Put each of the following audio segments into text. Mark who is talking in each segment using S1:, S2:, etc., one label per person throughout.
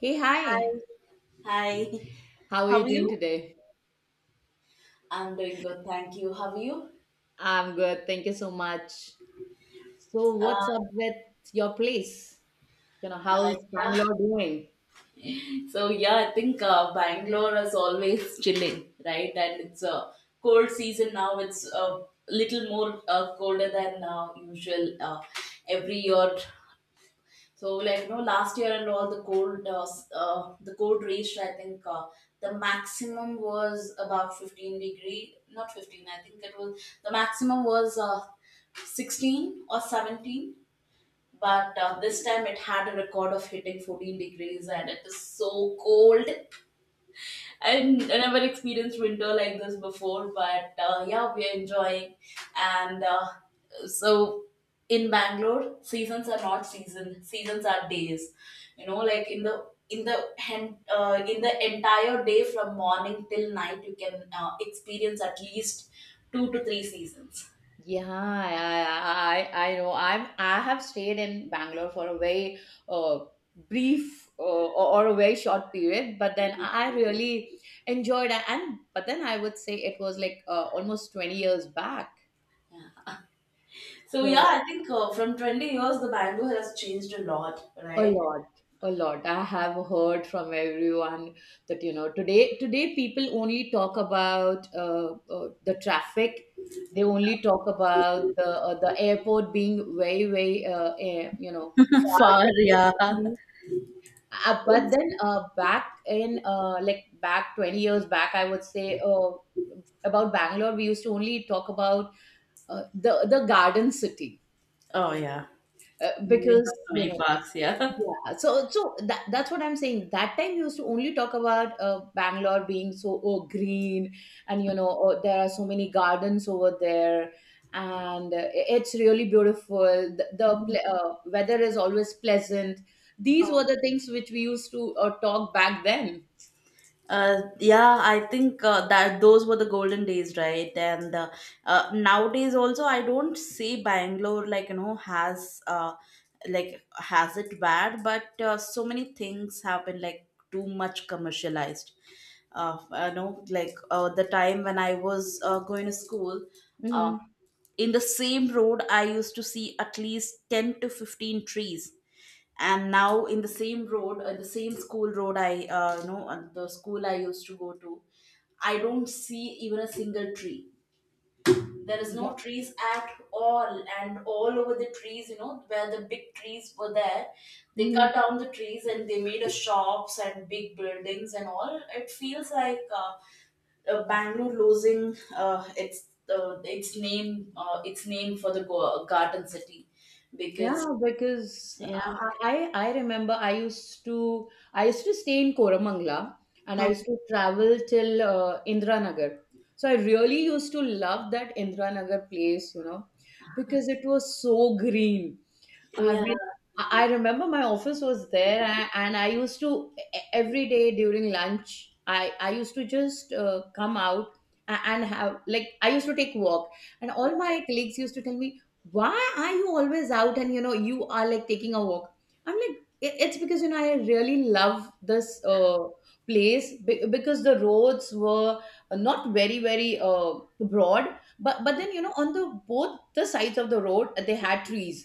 S1: Hey, hi.
S2: Hi, Hi,
S1: How are you
S2: how are
S1: doing
S2: you?
S1: today?
S2: I'm doing good, thank you. How are you?
S1: I'm good. Thank you so much. So, what's up
S2: Uh,
S1: with your place? You know, how's
S2: Hi, yeah.
S1: Bangalore doing?
S2: So yeah, I think Bangalore is always chilling, right? And it's a cold season now. It's a little more colder than usual. Every year. So like you know, last year and all the gold, the gold reached I think the maximum was about 15 degree, not 15. I think it was the maximum was 16 or 17. But this time it had a record of hitting 14 degrees, and it is so cold. I never experienced winter like this before, but yeah, we are enjoying. And so in Bangalore, seasons are not season. Seasons are days. You know, like in the entire day from morning till night, you can experience at least two to three seasons.
S1: Yeah, I know. I have stayed in Bangalore for a very uh, brief or a very short period, but then I really enjoyed. And but then I would say it was like almost 20 years back.
S2: So yeah,
S1: So
S2: I think from 20 years, the Bangalore has changed a lot,
S1: a
S2: right?
S1: lot, a lot. I have heard from everyone that you know Today, people only talk about the traffic. They only talk about the airport being very, very you know far
S2: Far,
S1: from the
S2: yeah.
S1: city. But
S2: It's,
S1: then back in like back 20 years back, I would say about Bangalore, we used to only talk about the garden city
S2: oh yeah, we
S1: because
S2: have so
S1: you
S2: many
S1: know
S2: parks here.
S1: yeah, so that's what I'm saying. That time you used to only talk about Bangalore being so oh, green, and you know oh, there are so many gardens over there, and it's really beautiful. The weather is always pleasant. These were the things which we used to talk back then.
S2: Yeah, I think that those were the golden days, right? And nowadays also, I don't see Bangalore like you know has like has it bad, but so many things have been like too much commercialized. Uh, you know, like the time when I was going to school, uh,
S1: Mm-hmm.
S2: in the same road, I used to see at least 10 to 15 trees. And now, in the same road, the same school road, the school I used to go to, I don't see even a single tree. There is
S1: Yeah.
S2: no trees at all, and all over the trees, you know, where the big trees were there, they
S1: Mm-hmm.
S2: cut down the trees and they made a shops and big buildings and all. It feels like Bangalore losing its name for the Garden City because
S1: Yeah, because
S2: yeah.
S1: I remember I used to stay in Koramangala and I
S2: Huh.
S1: used to travel till Indranagar. So I really used to love that Indranagar place, you know, because it was so green. I
S2: Yeah,
S1: mean, I remember my office was there, and I used to every day during lunch, I used to just come out and have like I used to take walk, and all my colleagues used to tell me, "Why are you always out? And you know, you are like taking a walk." I'm like, It's because you know I really love this place because the roads were not very broad, but then you know on the both the sides of the road they had trees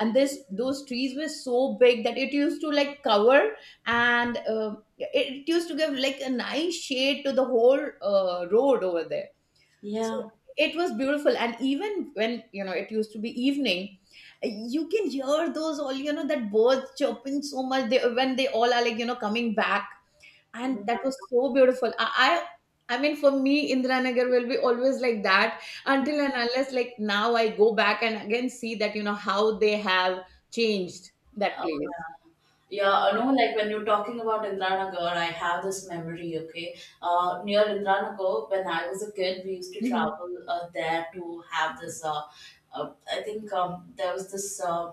S1: and this those trees were so big that it used to like cover and it used to give like a nice shade to the whole road over there, so
S2: yeah.
S1: it was beautiful. And even when you know it used to be evening, you can hear those all you know that birds chirping so much they, when they all are like you know coming back, and that
S2: Mm.
S1: was so beautiful. I mean, for me, Indranagar will be always like that until and unless like now I go back and again see that you know how they have changed that
S2: Oh,
S1: place."
S2: yeah, yeah, I know, like when you're talking about Indranagar, I have this memory, okay. Near Indranagar, when I was a kid, we used to
S1: Hmm.
S2: travel there to have this I think there was this.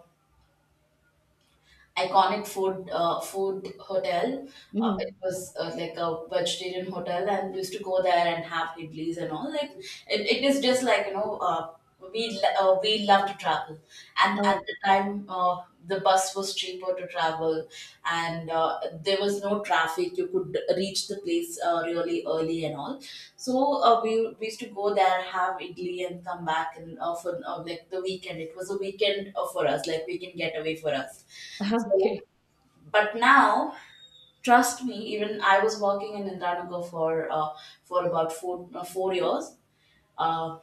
S2: Iconic food hotel.
S1: Hmm.
S2: It was like a vegetarian hotel, and we used to go there and have idlis and all. Like it is just like you know. We love to travel, and at the time the bus was cheaper to travel, and there was no traffic, you could reach the place really early and all. So we used to go there have idli and come back, and for like the weekend, it was a weekend for us, like weekend getaway for us.
S1: Okay.
S2: So, but now, trust me, even I was working in Indanagar for about four years. Uh,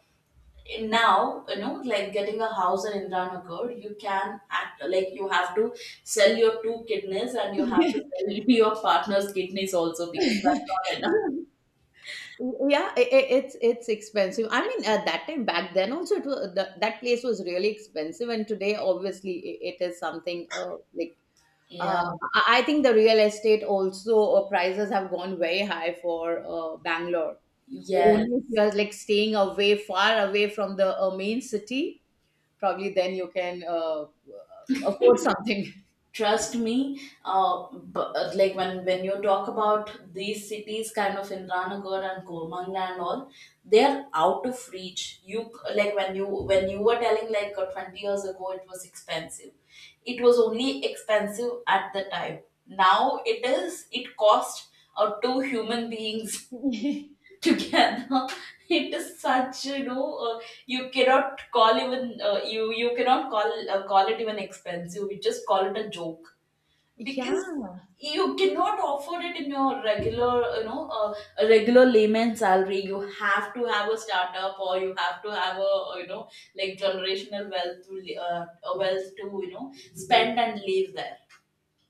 S2: and now, you know, like getting a house in Indanagar, you can act like you have to sell your two kidneys, and you have to
S1: Yeah,
S2: sell your partner's kidneys also, because that's not enough.
S1: it's expensive. I mean, at that time back then also, it was, the, that place was really expensive, and today obviously it is something like
S2: Yeah.
S1: I think the real estate also prices have gone very high for Bangalore.
S2: Yes.
S1: Only if you are like staying away, far away from the main city, probably then you can afford something.
S2: Trust me but, like when you talk about these cities kind of indranagar and kormangla and all, they're out of reach, you like when you were telling like 20 years ago it was expensive, it was only expensive at the time, now it is it cost two human beings together. It is such, you know you cannot call even you you cannot call call it even expensive. We just call it a joke,
S1: Yeah,
S2: because you cannot afford it in your regular, you know a regular layman salary. You have to have a startup, or you have to have a you know, like generational wealth to a wealth to you know spend and leave there.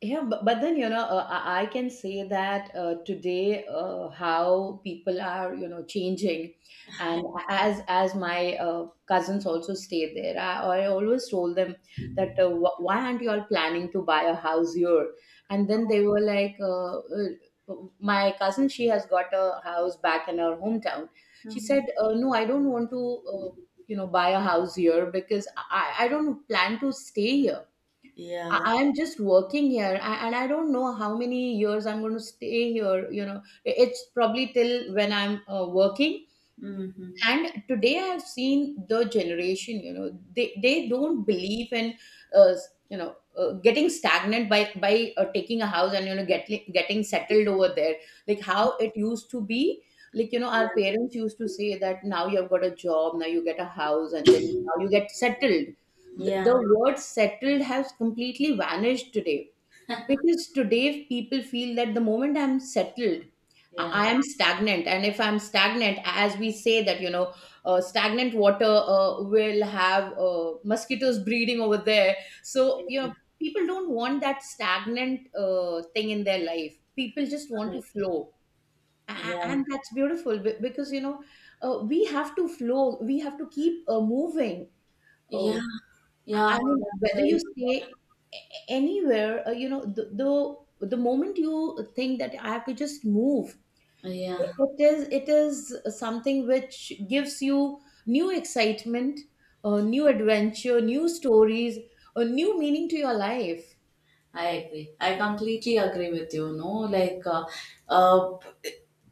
S1: yeah, but then, you know, I can say that today how people are, you know, changing. And as my cousins also stay there, I always told them that why aren't you all planning to buy a house here? And then they were like, my cousin, she has got a house back in her hometown. She
S2: Mhm.
S1: said, no, I don't want to, you know, buy a house here because I don't plan to stay here.
S2: Yeah.
S1: I'm just working here, and I don't know how many years I'm going to stay here. You know, it's probably till when I'm working,
S2: Mm-hmm.
S1: and today I have seen the generation. You know, they don't believe in uh, you know getting stagnant by taking a house and you know getting settled over there, like how it used to be. Like you know our
S2: Yeah.
S1: parents used to say that now you've got a job, now you get a house and then now you get settled. the,
S2: Yeah.
S1: the word settled has completely vanished today because today people feel that the moment I'm settled,
S2: Yeah,
S1: I am stagnant. And if I'm stagnant, as we say that, you know, stagnant water will have mosquitoes breeding over there. So, you know, people don't want that stagnant thing in their life. People just want to flow.
S2: yeah,
S1: And that's beautiful, because, you know, we have to flow, we have to keep moving.
S2: yeah,
S1: Uh, I
S2: yeah.
S1: mean,
S2: That's
S1: whether
S2: very
S1: you stay
S2: important.
S1: anywhere you know the, the moment you think that I have to just move, it
S2: Yeah.
S1: it is something which gives you new excitement, new adventure, new stories, a new meaning to your life.
S2: I agree. I completely agree with you. No, like uh,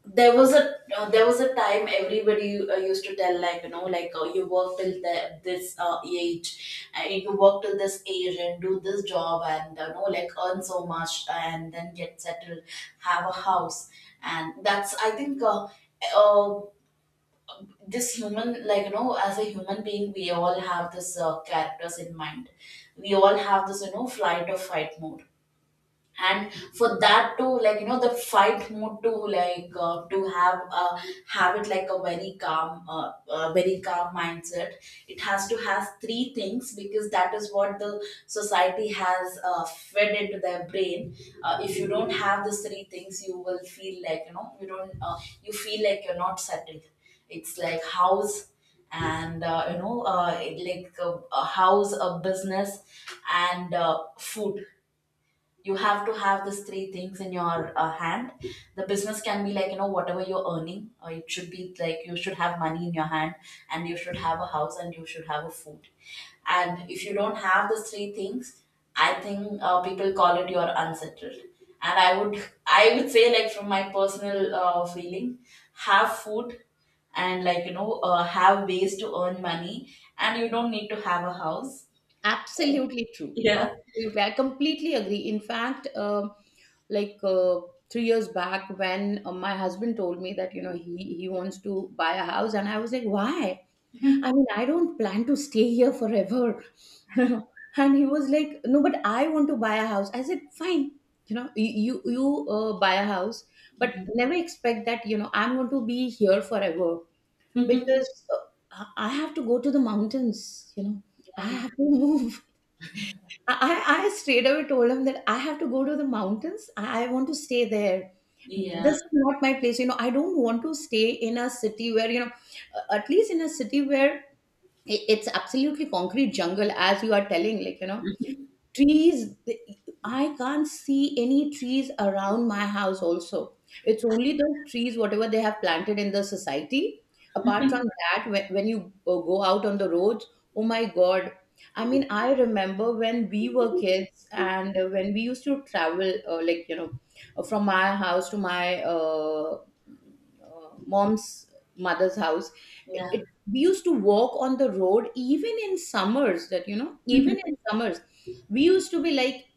S2: there was a time everybody used to tell like you know like you work till this age, and you work till this age and do this job and you know like earn so much and then get settled, have a house, and that's I think. Uh, this human, like you know, as a human being, we all have this characters in mind. We all have this, you know, flight or fight mode. And for that to like you know, the fight mode to like to have it like a very calm mindset. It has to have three things, because that is what the society has fed into their brain. If you don't have these three things, you will feel like you know you don't you feel like you're not settled. It's like house, and you know like a house, a business, and food. You have to have these three things in your hand. The business can be like, you know, whatever you're earning, or it should be like you should have money in your hand, and you should have a house, and you should have a food. And if you don't have these three things, I think people call it you're unsettled. And I would say, like from my personal feeling, have food, and like you know have ways to earn money, and you don't need to have a house.
S1: Absolutely true,
S2: Yeah.
S1: absolutely, I completely agree. In fact, like 3 years back when my husband told me that you know he wants to buy a house, and I was like why? I mean, I don't plan to stay here forever. And he was like, no, but I want to buy a house. I said, fine. You know, you buy a house, but never expect that you know I'm going to be here forever, because I have to go to the mountains. You know, I have to move. I straight away told him that I have to go to the mountains. I want to stay there.
S2: Yeah.
S1: This is not my place. You know, I don't want to stay in a city where you know, at least in a city where it's absolutely concrete jungle. As you are telling, like you know trees the- I can't see any trees around my house also. It's only the trees whatever they have planted in the society. Apart from that, when you go out on the roads, oh my god, I mean I remember when we were kids and when we used to travel like you know from my house to my mom's mother's house,
S2: Yeah.
S1: we used to walk on the road even in summers. That you know even in summers, we used to be like,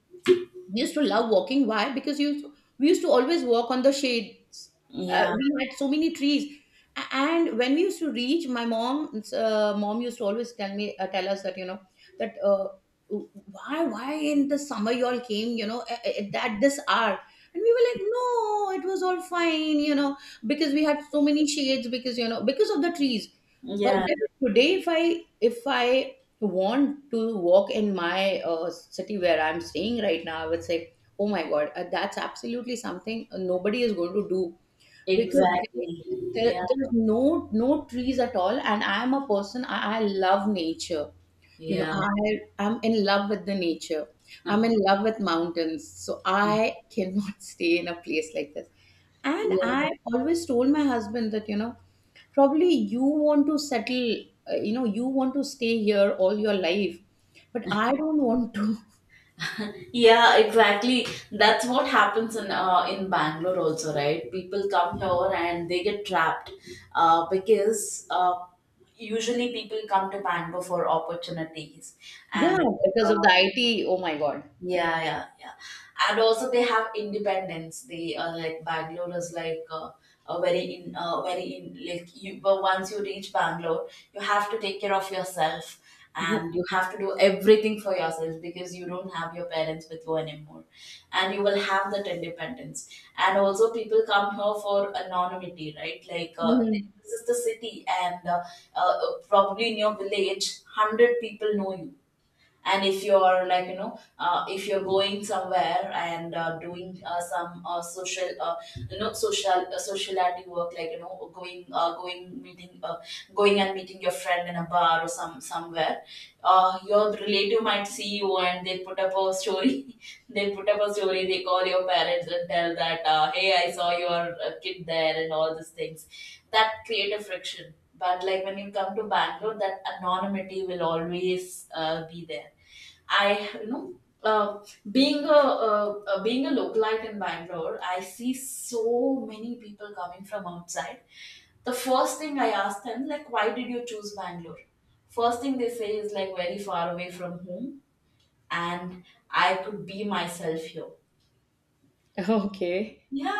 S1: we used to love walking. Why? Because we used to always walk on the shades.
S2: Yeah.
S1: We had so many trees. And when we used to reach my mom, mom used to always tell me tell us that you know that why in the summer you all came, you know at this hour. And we were like, no, it was all fine, you know, because we had so many shades because you know because of the trees. But
S2: Yeah.
S1: then today if I if I want to walk in my city where I'm staying right now, I would say, oh my God, that's absolutely something nobody is going to do because
S2: Exactly. Yeah.
S1: there's no trees at all. And I am a person, I love nature. You know
S2: Yeah.
S1: I'm in love with the nature, I'm in love with mountains, so I cannot stay in a place like this. And
S2: Yeah.
S1: I always told my husband that you know probably you want to settle, you know you want to stay here all your life, but I don't want to.
S2: Yeah, exactly. That's what happens in Bangalore also, right? People come here and they get trapped because usually people come to Bangalore for opportunities
S1: Yeah,
S2: and
S1: because of
S2: uh,
S1: the IT, oh my god.
S2: yeah, yeah, yeah. And also they have independence. They are like Bangalore is like a very in very in like you. But once you reach Bangalore, you have to take care of yourself,
S1: Yeah.
S2: and you have to do everything for yourself, because you don't have your parents with you anymore, and you will have that independence. And also people come here for anonymity, right? Like
S1: Mhm.
S2: this is the city, and uh, probably in your village, 100 people know you. And if you're like, you know if you're going somewhere and doing some social you know, sociality work, like you know, going and meeting your friend in a bar or some somewhere. Your relative might see you, and they put up a story. They put up a story, they call your parents and tell that, hey, I saw your kid there, and all these things that create a friction. But like when you come to Bangalore, that anonymity will always be there. I you know Being a, a localite in Bangalore, I see so many people coming from outside. The first thing I ask them, like, why did you choose Bangalore? First thing they say is like, very far away from home, and I could be myself here.
S1: Okay.
S2: Yeah,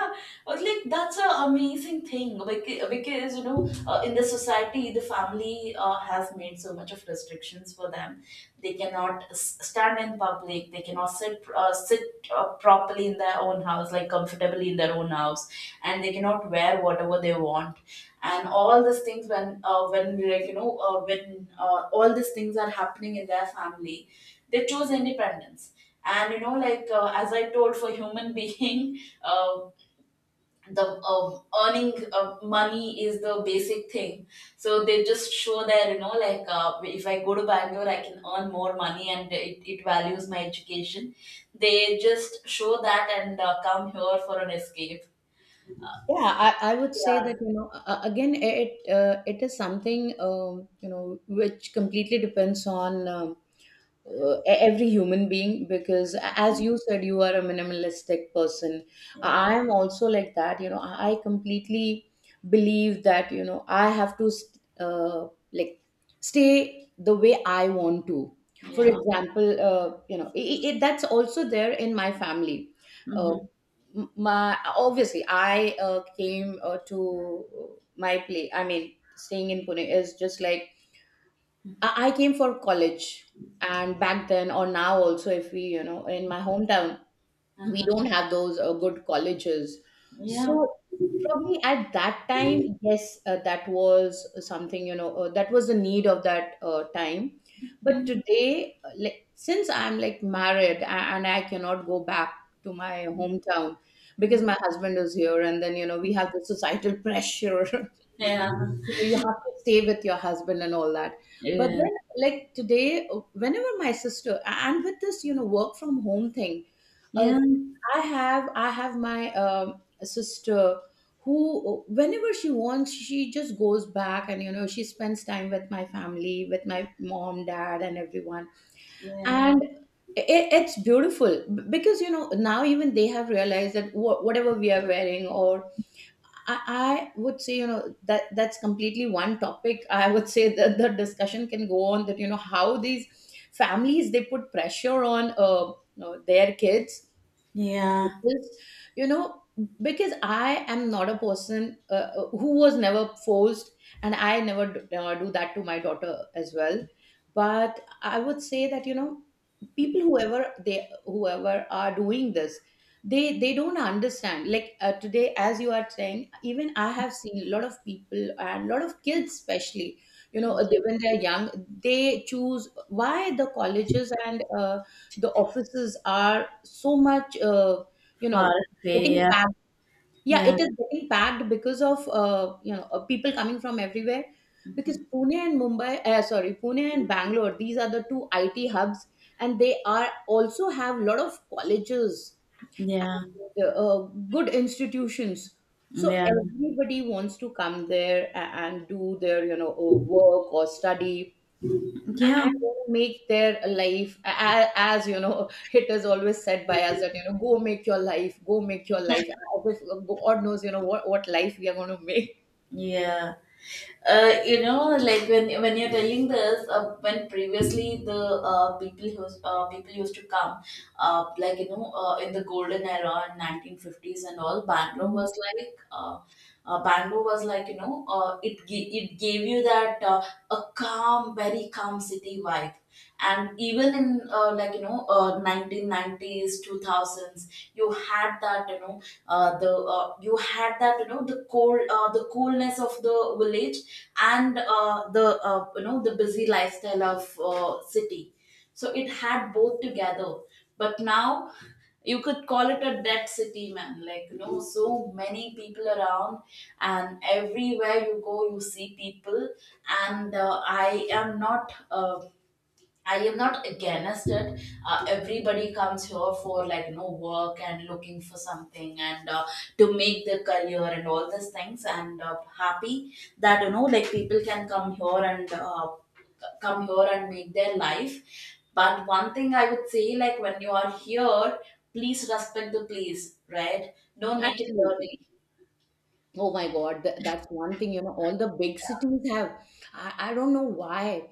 S2: I was like, that's an amazing thing, because, you know in the society, the family has made so much of restrictions for them. They cannot stand in public. They cannot sit properly in their own house, like comfortably in their own house, and they cannot wear whatever they want. And all these things, when like you know when all these things are happening in their family, they choose independence. And you know, like as I told, for human being um the earning money is the basic thing. So they just show that, you know, like if I go to Bangalore, I can earn more money, and it values my education. They just show that and come here for an escape.
S1: Yeah, I would say
S2: Yeah.
S1: that, you know, again, it is something, you know, which completely depends on every human being, because as you said, you are a minimalistic person.
S2: Yeah.
S1: I am also like that. You know, I completely believe that, you know, I have to like stay the way I want to. For
S2: Yeah.
S1: example, you know, I it, that's also there in my family. Uh,
S2: Hmm.
S1: my obviously I came to my place. I mean, staying in Pune is just like I came for college, and back then or now also if we you know in my hometown, we don't have those good colleges. So
S2: Yeah.
S1: probably at that time, yes, that was something, you know, that was the need of that time. But
S2: Mm.
S1: today like since I'm like married, and I cannot go back to my hometown because my husband is here, and then you know we have the societal pressure.
S2: Yeah,
S1: You know, you have to stay with your husband and all that. But
S2: yeah,
S1: then like today whenever my sister, and with this you know work from home thing, uh.
S2: yeah,
S1: I have my sister who, whenever she wants, she just goes back and, you know, she spends time with my family, with my mom, dad, and everyone.
S2: yeah,
S1: And it, it's beautiful because, you know, now even they have realized that whatever we are wearing, or I would say, you know, that that's completely one topic. I would say that the discussion can go on, that, you know, how these families, they put pressure on, you know, their kids.
S2: yeah,
S1: Because, you know, because I am not a person who was never forced, and I never do that to my daughter as well. But I would say that, you know, people whoever they whoever are doing this, they don't understand, like, today, as you are saying, even I have seen a lot of people and a lot of kids especially, you know,
S2: yeah,
S1: when they're young, they choose why the colleges and the offices are so much, you
S2: far
S1: know,
S2: away,
S1: getting
S2: yeah,
S1: packed. Yeah,
S2: yeah,
S1: it is getting packed because of, you know, people coming from everywhere. Because Pune and Mumbai, sorry, Pune and Bangalore, these are the two IT hubs, and they are also have a lot of colleges
S2: yeah.
S1: and good institutions. So
S2: Yeah,
S1: everybody wants to come there and do their, you know, work or study,
S2: yeah,
S1: and make their life. A as you know, it is always said by us that, you know, go make your life, go make your life, as if god knows, you know, what life we are going to make.
S2: yeah. You know, like when you're telling this, when previously the people used to come, like you know, in the golden era, in 1950s and all, Bangalore
S1: Mhm.
S2: was like bamboo was like you know it it gave you that a calm very calm city vibe. And even in like you know 1990s 2000s, you had that, you know the you had that, you know, the coolness of the village, and the you know, the busy lifestyle of city, so it had both together. But now you could call it a dead city, man. Like, you know, so many people around, and everywhere you go, you see people. And I am not. I am not against it. Everybody comes here for work and looking for something and to make their career and all these things. And Happy that people can come here and come here and make their life. But one thing I would say, like when you are here, please respect the place, right? Don't make it
S1: Absolutely.
S2: dirty.
S1: Oh my god, that's one thing, you know, all the big cities have. I don't know why.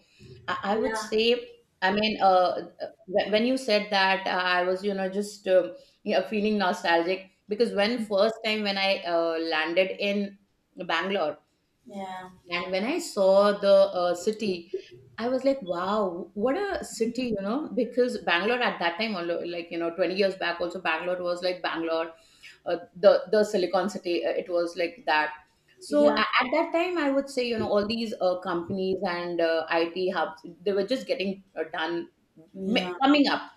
S1: I would
S2: Yeah,
S1: say, I mean, when you said that, I was, you know, just, yeah, feeling nostalgic because when first time when I landed in Bangalore.
S2: yeah,
S1: And when I saw the city, I was like, wow, what a city, you know, because Bangalore at that time, although, like, you know, 20 years back, also Bangalore was like Bangalore, the Silicon City, it was like that. So
S2: yeah,
S1: at that time, I would say, you know, all these companies and IT hubs, they were just getting done,
S2: yeah,
S1: coming up.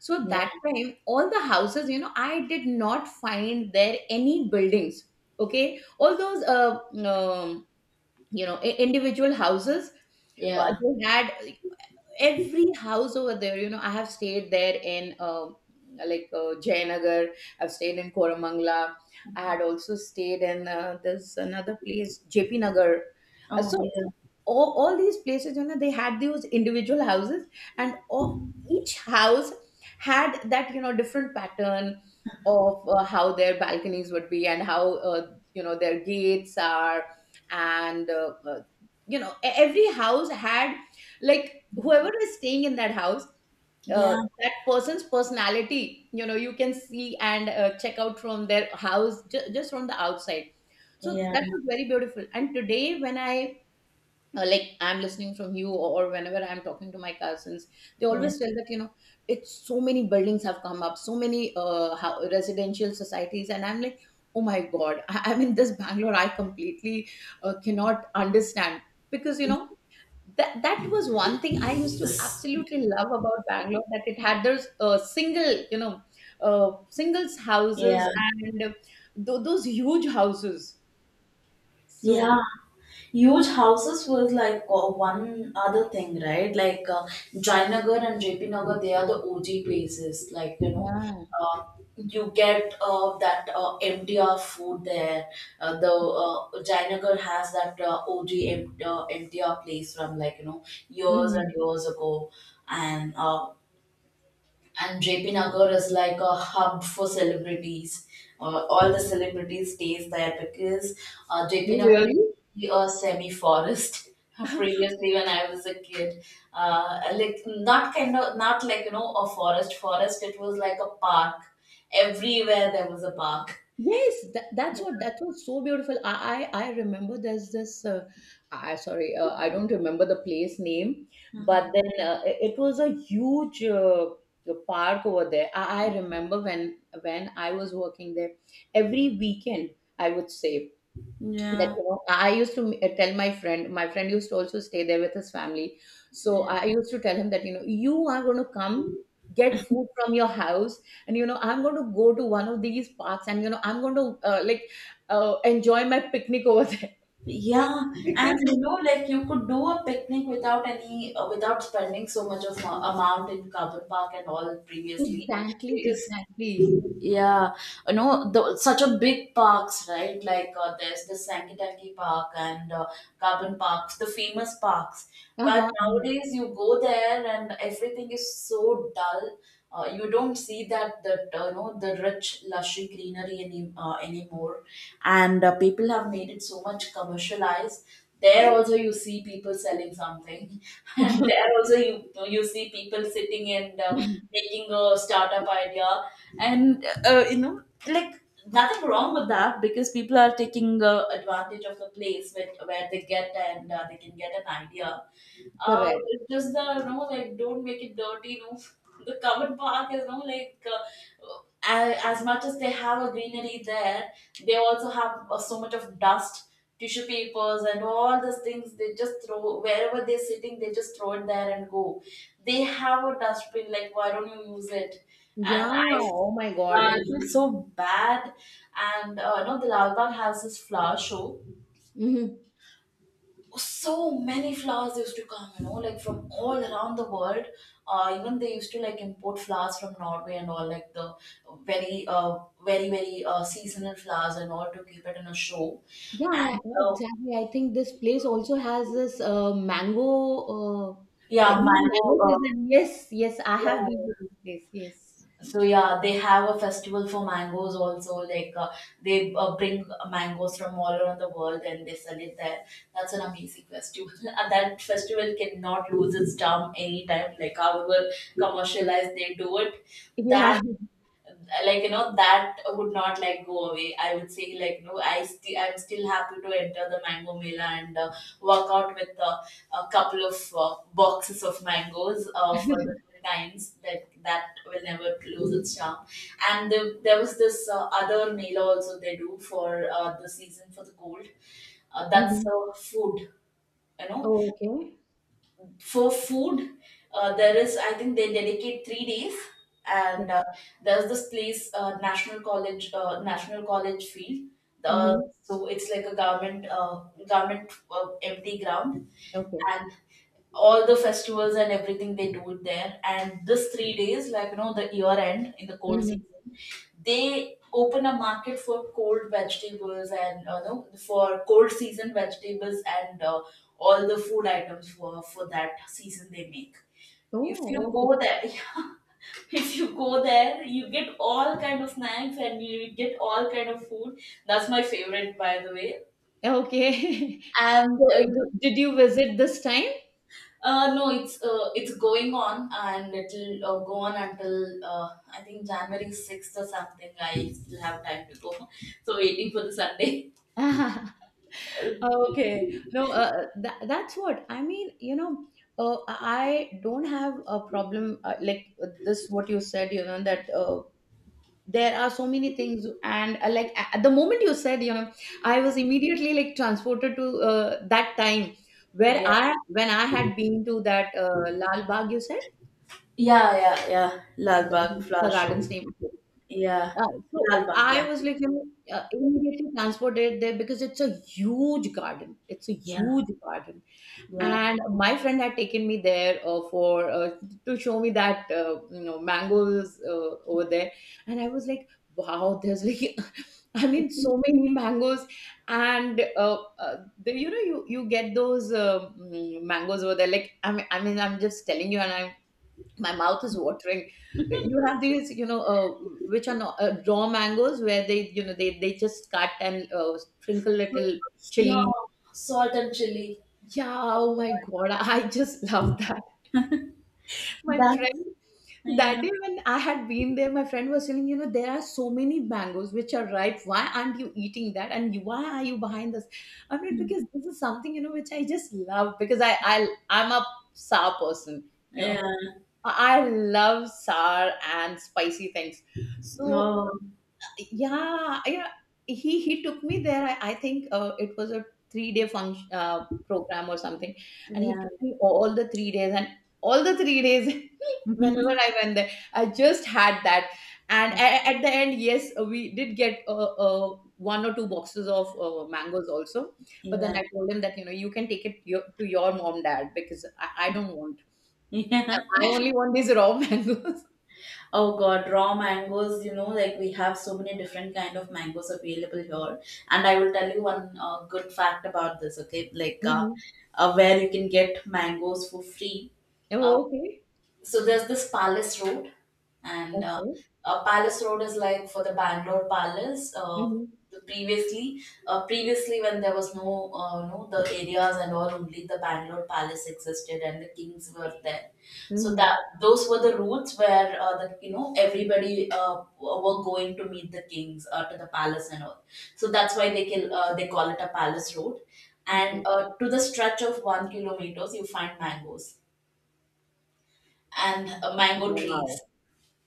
S1: So
S2: yeah,
S1: that time, all the houses, you know, I did not find there any buildings. Okay, all those um, you know, individual houses,
S2: yeah.
S1: they had every house over there, you know. I have stayed there in, Jayanagar. I've stayed in Koramangala. I had also stayed in, there's another place, JP Nagar. Uh,
S2: Oh
S1: so,
S2: yeah,
S1: so all these places, you know, they had those individual houses and all. Each house had that, you know, different pattern of, how their balconies would be and how, uh, you know, their gates are, and you know, every house had, like, whoever is staying in that house,
S2: yeah,
S1: that person's personality, you know, you can see and, check out from their house, just from the outside. So
S2: yeah,
S1: that was very beautiful. And today when I, I'm listening from you, or whenever I'm talking to my cousins, they
S2: yeah.
S1: always tell that, you know, it's so many buildings have come up, so many, residential societies, and I'm like, oh my god. I'm in this Bangalore. I completely cannot understand. Because, you know, that that was one thing I used to absolutely love about Bangalore, that it had those single, you know, singles houses
S2: Yeah.
S1: and those huge houses. So
S2: Yeah, huge houses was like one other thing, right? Jayanagar and JP Nagar, they are the OG places.
S1: yeah.
S2: Uh, you get that MTR food there. The Jayanagar has that OG MTR place from like, you know, years and
S1: Mhm.
S2: years ago. And uh, and JP Nagar is like a hub for celebrities. All the celebrities stays there because JP
S1: Oh,
S2: Nagar used
S1: really?
S2: to be a semi forest. Previously, when I was a kid, like not kind of not a forest forest. It was like a park. Everywhere there was a park.
S1: Yes, that, that's
S2: Yeah.
S1: what that was so beautiful. I remember there's this. I sorry, I don't remember the place name,
S2: uh
S1: but then it it was a huge park over there. I remember when I was working there every weekend. I would say that,
S2: Yeah.
S1: you know, I used to tell my friend. My friend used to also stay there with his family, so
S2: Yeah.
S1: I used to tell him that, you know, you are going to come get food from your house, and you know I'm going to go to one of these parks, and you know I'm going to, enjoy my picnic over there.
S2: Yeah,
S1: Because
S2: and you know, like you could do a picnic without any, without spending so much of amount in carbon park and all previously,
S1: exactly,
S2: because
S1: exactly.
S2: yeah, such a big parks, right? There's the Sankitaki Park and Carbon Parks, the famous parks. But
S1: Uh-huh, uh-huh.
S2: nowadays, you go there and everything is so dull. You don't see that the rich, lushy greenery anymore, and people have made it so much commercialized. There also you see people selling something, and there also you see people sitting and making a startup idea, and nothing wrong with that, because people are taking advantage of the place where they get and they can get an idea. uh,
S1: Correct.
S2: just the you know like don't make it dirty. The covered park is, like as much as they have a greenery there, they also have so much of dust, tissue papers and all these things. They just throw wherever they're sitting, they just throw it there and go. They have a dustbin, like, why don't you use it? and
S1: Yeah.
S2: i
S1: Oh my
S2: uh,
S1: god.
S2: I feel so bad. And the Lalbagh has this flower show.
S1: Hmm.
S2: Oh, so many flowers used to come, you know, like from all around the world. Even they used to like import flowers from Norway and all, like the very, uh, very, very seasonal flowers and all to keep it in a show.
S1: Yeah,
S2: And
S1: exactly. I think this place also has this, mango.
S2: Yeah,
S1: During
S2: mango.
S1: mango season. Yes, yes, I have been to
S2: Yeah.
S1: this place. Yes.
S2: So they have a festival for mangoes also. They bring mangoes from all around the world and they sell it there. That's an amazing festival. And that festival cannot lose its charm anytime. Like however commercialized they do it,
S1: Yeah.
S2: that, that would not like go away. I would say, like, no. I'm still happy to enter the mango mela and work out with a couple of boxes of mangoes for the kinds that will never lose its charm. And there was this other mela also they do for the season for the cold. That's
S1: Mm-hmm.
S2: food, you know,
S1: Oh, okay.
S2: for food. There is, I think, they dedicate 3 days, and there's this place, national college, national college field uh,
S1: Mm-hmm.
S2: so it's like a government empty ground.
S1: Okay.
S2: And all the festivals and everything they do it there. And this 3 days, the year end in the cold
S1: Mm-hmm.
S2: season, they open a market for cold vegetables and no, for cold season vegetables, and all the food items for that season they make. If
S1: Oh,
S2: you
S1: okay.
S2: go there, yeah, if you go there, you get all kind of snacks and you get all kind of food. That's my favorite, by the way.
S1: Okay.
S2: And
S1: So,
S2: uh, you know,
S1: did you visit this time?
S2: No, it's going on, and it'll go on until I think January 6th or something. I still have time to go, so waiting for the Sunday.
S1: Okay. No, that, that's what I mean. You know, I don't have a problem, this, what you said, you know, that, there are so many things, and, at the moment you said, you know, I was immediately like transported to, that time, where
S2: Yeah,
S1: I when I had been to that, Lal Bagh, you said.
S2: yeah, yeah, yeah. Lal Bagh
S1: That's the
S2: flower show.
S1: garden's name.
S2: Yeah,
S1: So
S2: Lal Bagh. Yeah,
S1: I was like, you know, immediately transported there because it's a huge garden. It's a
S2: yeah,
S1: huge garden,
S2: yeah.
S1: and my friend had taken me there, for to show me that, you know, mangoes over there, and I was like, wow, there's like. I mean, so many mangoes, and the, you know, you get those, mangoes over there. Like, I mean, I'm just telling you, and I'm, my mouth is watering. You have these, you know, which are not, raw mangoes, where they, you know, they just cut and, sprinkle little
S2: Yeah,
S1: chili.
S2: salt and chili.
S1: Yeah, oh my god. I just love that. My
S2: That.
S1: friend,
S2: Yeah,
S1: that day when I had been there, my friend was telling, you know, there are so many mangoes which are ripe, why aren't you eating that? And you- why are you behind this? I mean, because this is something, you know, which I just love, because I'm a sour person, you know.
S2: yeah.
S1: I love sour and spicy things. So
S2: Oh,
S1: yeah, yeah, he took me there. I think it was a 3 day function, program or something, and he
S2: yeah.
S1: took me all the 3 days, and all the 3 days. Whenever I went there, I just had that. And at the end, yes, we did get, one or two boxes of mangoes also. But then
S2: Yeah.
S1: I told him that, you know, you can take it to your mom dad, because I don't want.
S2: Yeah.
S1: I I only want these raw mangoes.
S2: Oh God, raw mangoes, like we have so many different kind of mangoes available here. And I will tell you one good fact about this, okay? Like,
S1: Mhm.
S2: where you can get mangoes for free. uh,
S1: Oh, okay.
S2: so there's this Palace Road, and
S1: Okay.
S2: Palace Road is like for the Bangalore Palace.
S1: Mhm.
S2: The Previously, when there was no, the areas and all, only the Bangalore Palace existed and the kings were there. So that,
S1: Mhm.
S2: those were the routes where the you know everybody were going to meet the kings to the palace and all. So that's why they call it a Palace Road. And
S1: Okay.
S2: To the stretch of 1 kilometers, you find mangoes and mango trees.
S1: Wow.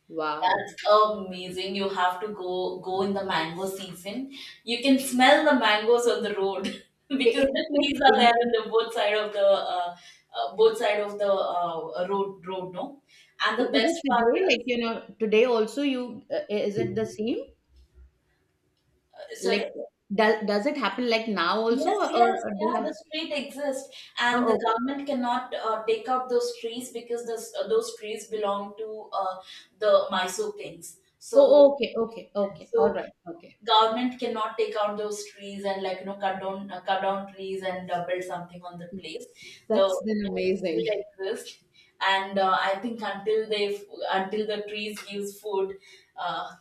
S1: Wow.
S2: That's amazing. You have to go in the mango season. You can smell the mangoes on the road
S1: Is
S2: because the
S1: it like
S2: trees are
S1: in-
S2: there in the both side of the road, no. And the
S1: is
S2: best
S1: it
S2: part
S1: today?
S2: is,
S1: Like, you know, today also you, is it the same? Like,
S2: sorry.
S1: does it happen like now also,
S2: Yes, yes,
S1: or
S2: yeah,
S1: they
S2: the
S1: have?
S2: street exists, and the
S1: Oh, okay.
S2: government cannot take out those trees because those trees belong to the Mysore kings. So,
S1: Oh, okay. Okay. Okay. All
S2: so
S1: right. Okay.
S2: government cannot take out those trees and cut down trees and build something on the place. The
S1: That's then
S2: trees
S1: amazing.
S2: still exist, and I think until the trees gives food, uh,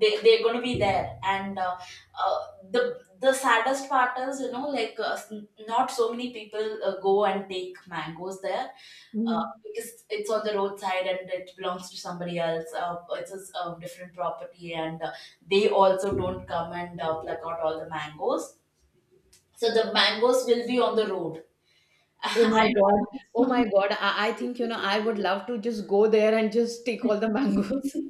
S2: they're going to be there and uh, the saddest part is not so many people go and take mangoes there,
S1: Mhm.
S2: because it's on the roadside and it belongs to somebody else. It's a different property, and they also don't come and pluck out all the mangoes. So the mangoes will be on the road.
S1: Oh
S2: I
S1: my god.
S2: remember this
S1: Oh my
S2: one.
S1: god. I think, you know, I would love to just go there and just take all the mangoes.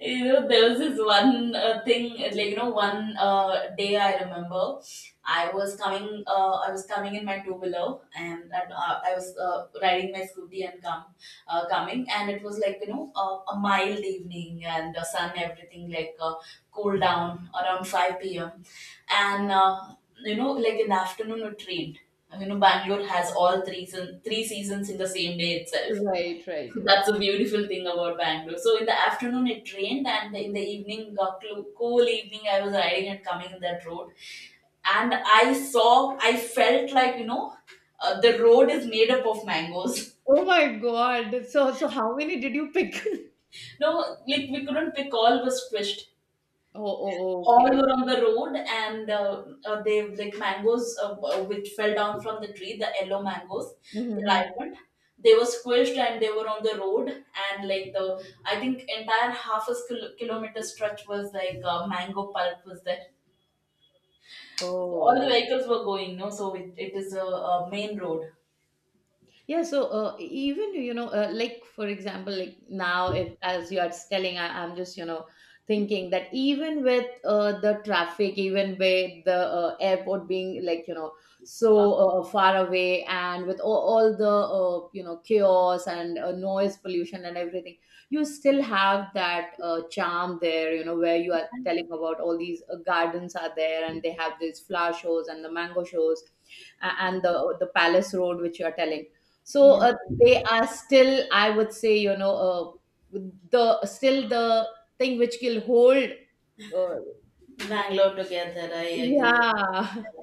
S2: There was this one thing, one day I remember, I was coming in my two wheeler, and I was riding my scooty and coming, and it was like a mild evening, and the sun, everything cooled down around 5 p.m. and like in the afternoon it rained. You know, Bangalore has all three seasons in the same day itself.
S1: Right, right.
S2: That's a beautiful thing about Bangalore. So in the afternoon it rained, and in the evening, cool evening, I was riding and coming in that road, and I felt like the road is made up of mangoes.
S1: Oh my god. So so how many did you pick?
S2: No, like we couldn't pick, all was squished.
S1: Oh, oh, oh, okay,
S2: All
S1: okay.
S2: were on the road and they like mangoes, which fell down from the tree, the yellow mangoes.
S1: Mhm,
S2: They
S1: mhm.
S2: ripened, they were squished, and they were on the road. And like the I think entire half a kilometer stretch was like, mango pulp was there. All the
S1: Oh,
S2: vehicles were going, no, so it is a main road.
S1: yeah, so even, you know, like for example, like now, if as you are telling, I'm just, you know, thinking that even with, the traffic, even with the, airport being, like, you know, so,
S2: Uh,
S1: far away, and with all the, you know, chaos and, noise pollution and everything, you still have that, charm there. You know, where you are telling about all these, gardens are there, and they have these flower shows and the mango shows, and the Palace Road which you are telling. So,
S2: yeah.
S1: they are still, I would say, you know, uh, the thing which will hold. Uh,
S2: Bangalore together. I agree with.
S1: yeah.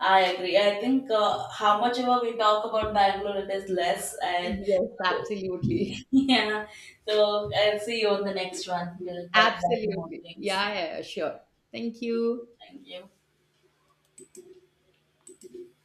S2: I agree. I think how much ever we talk about Bangalore, it is less. And
S1: Yes, absolutely.
S2: yeah, so I'll see you on the next one. We'll talk about more
S1: Absolutely.
S2: things.
S1: Yeah, yeah, yeah, sure. Thank you.
S2: Thank you.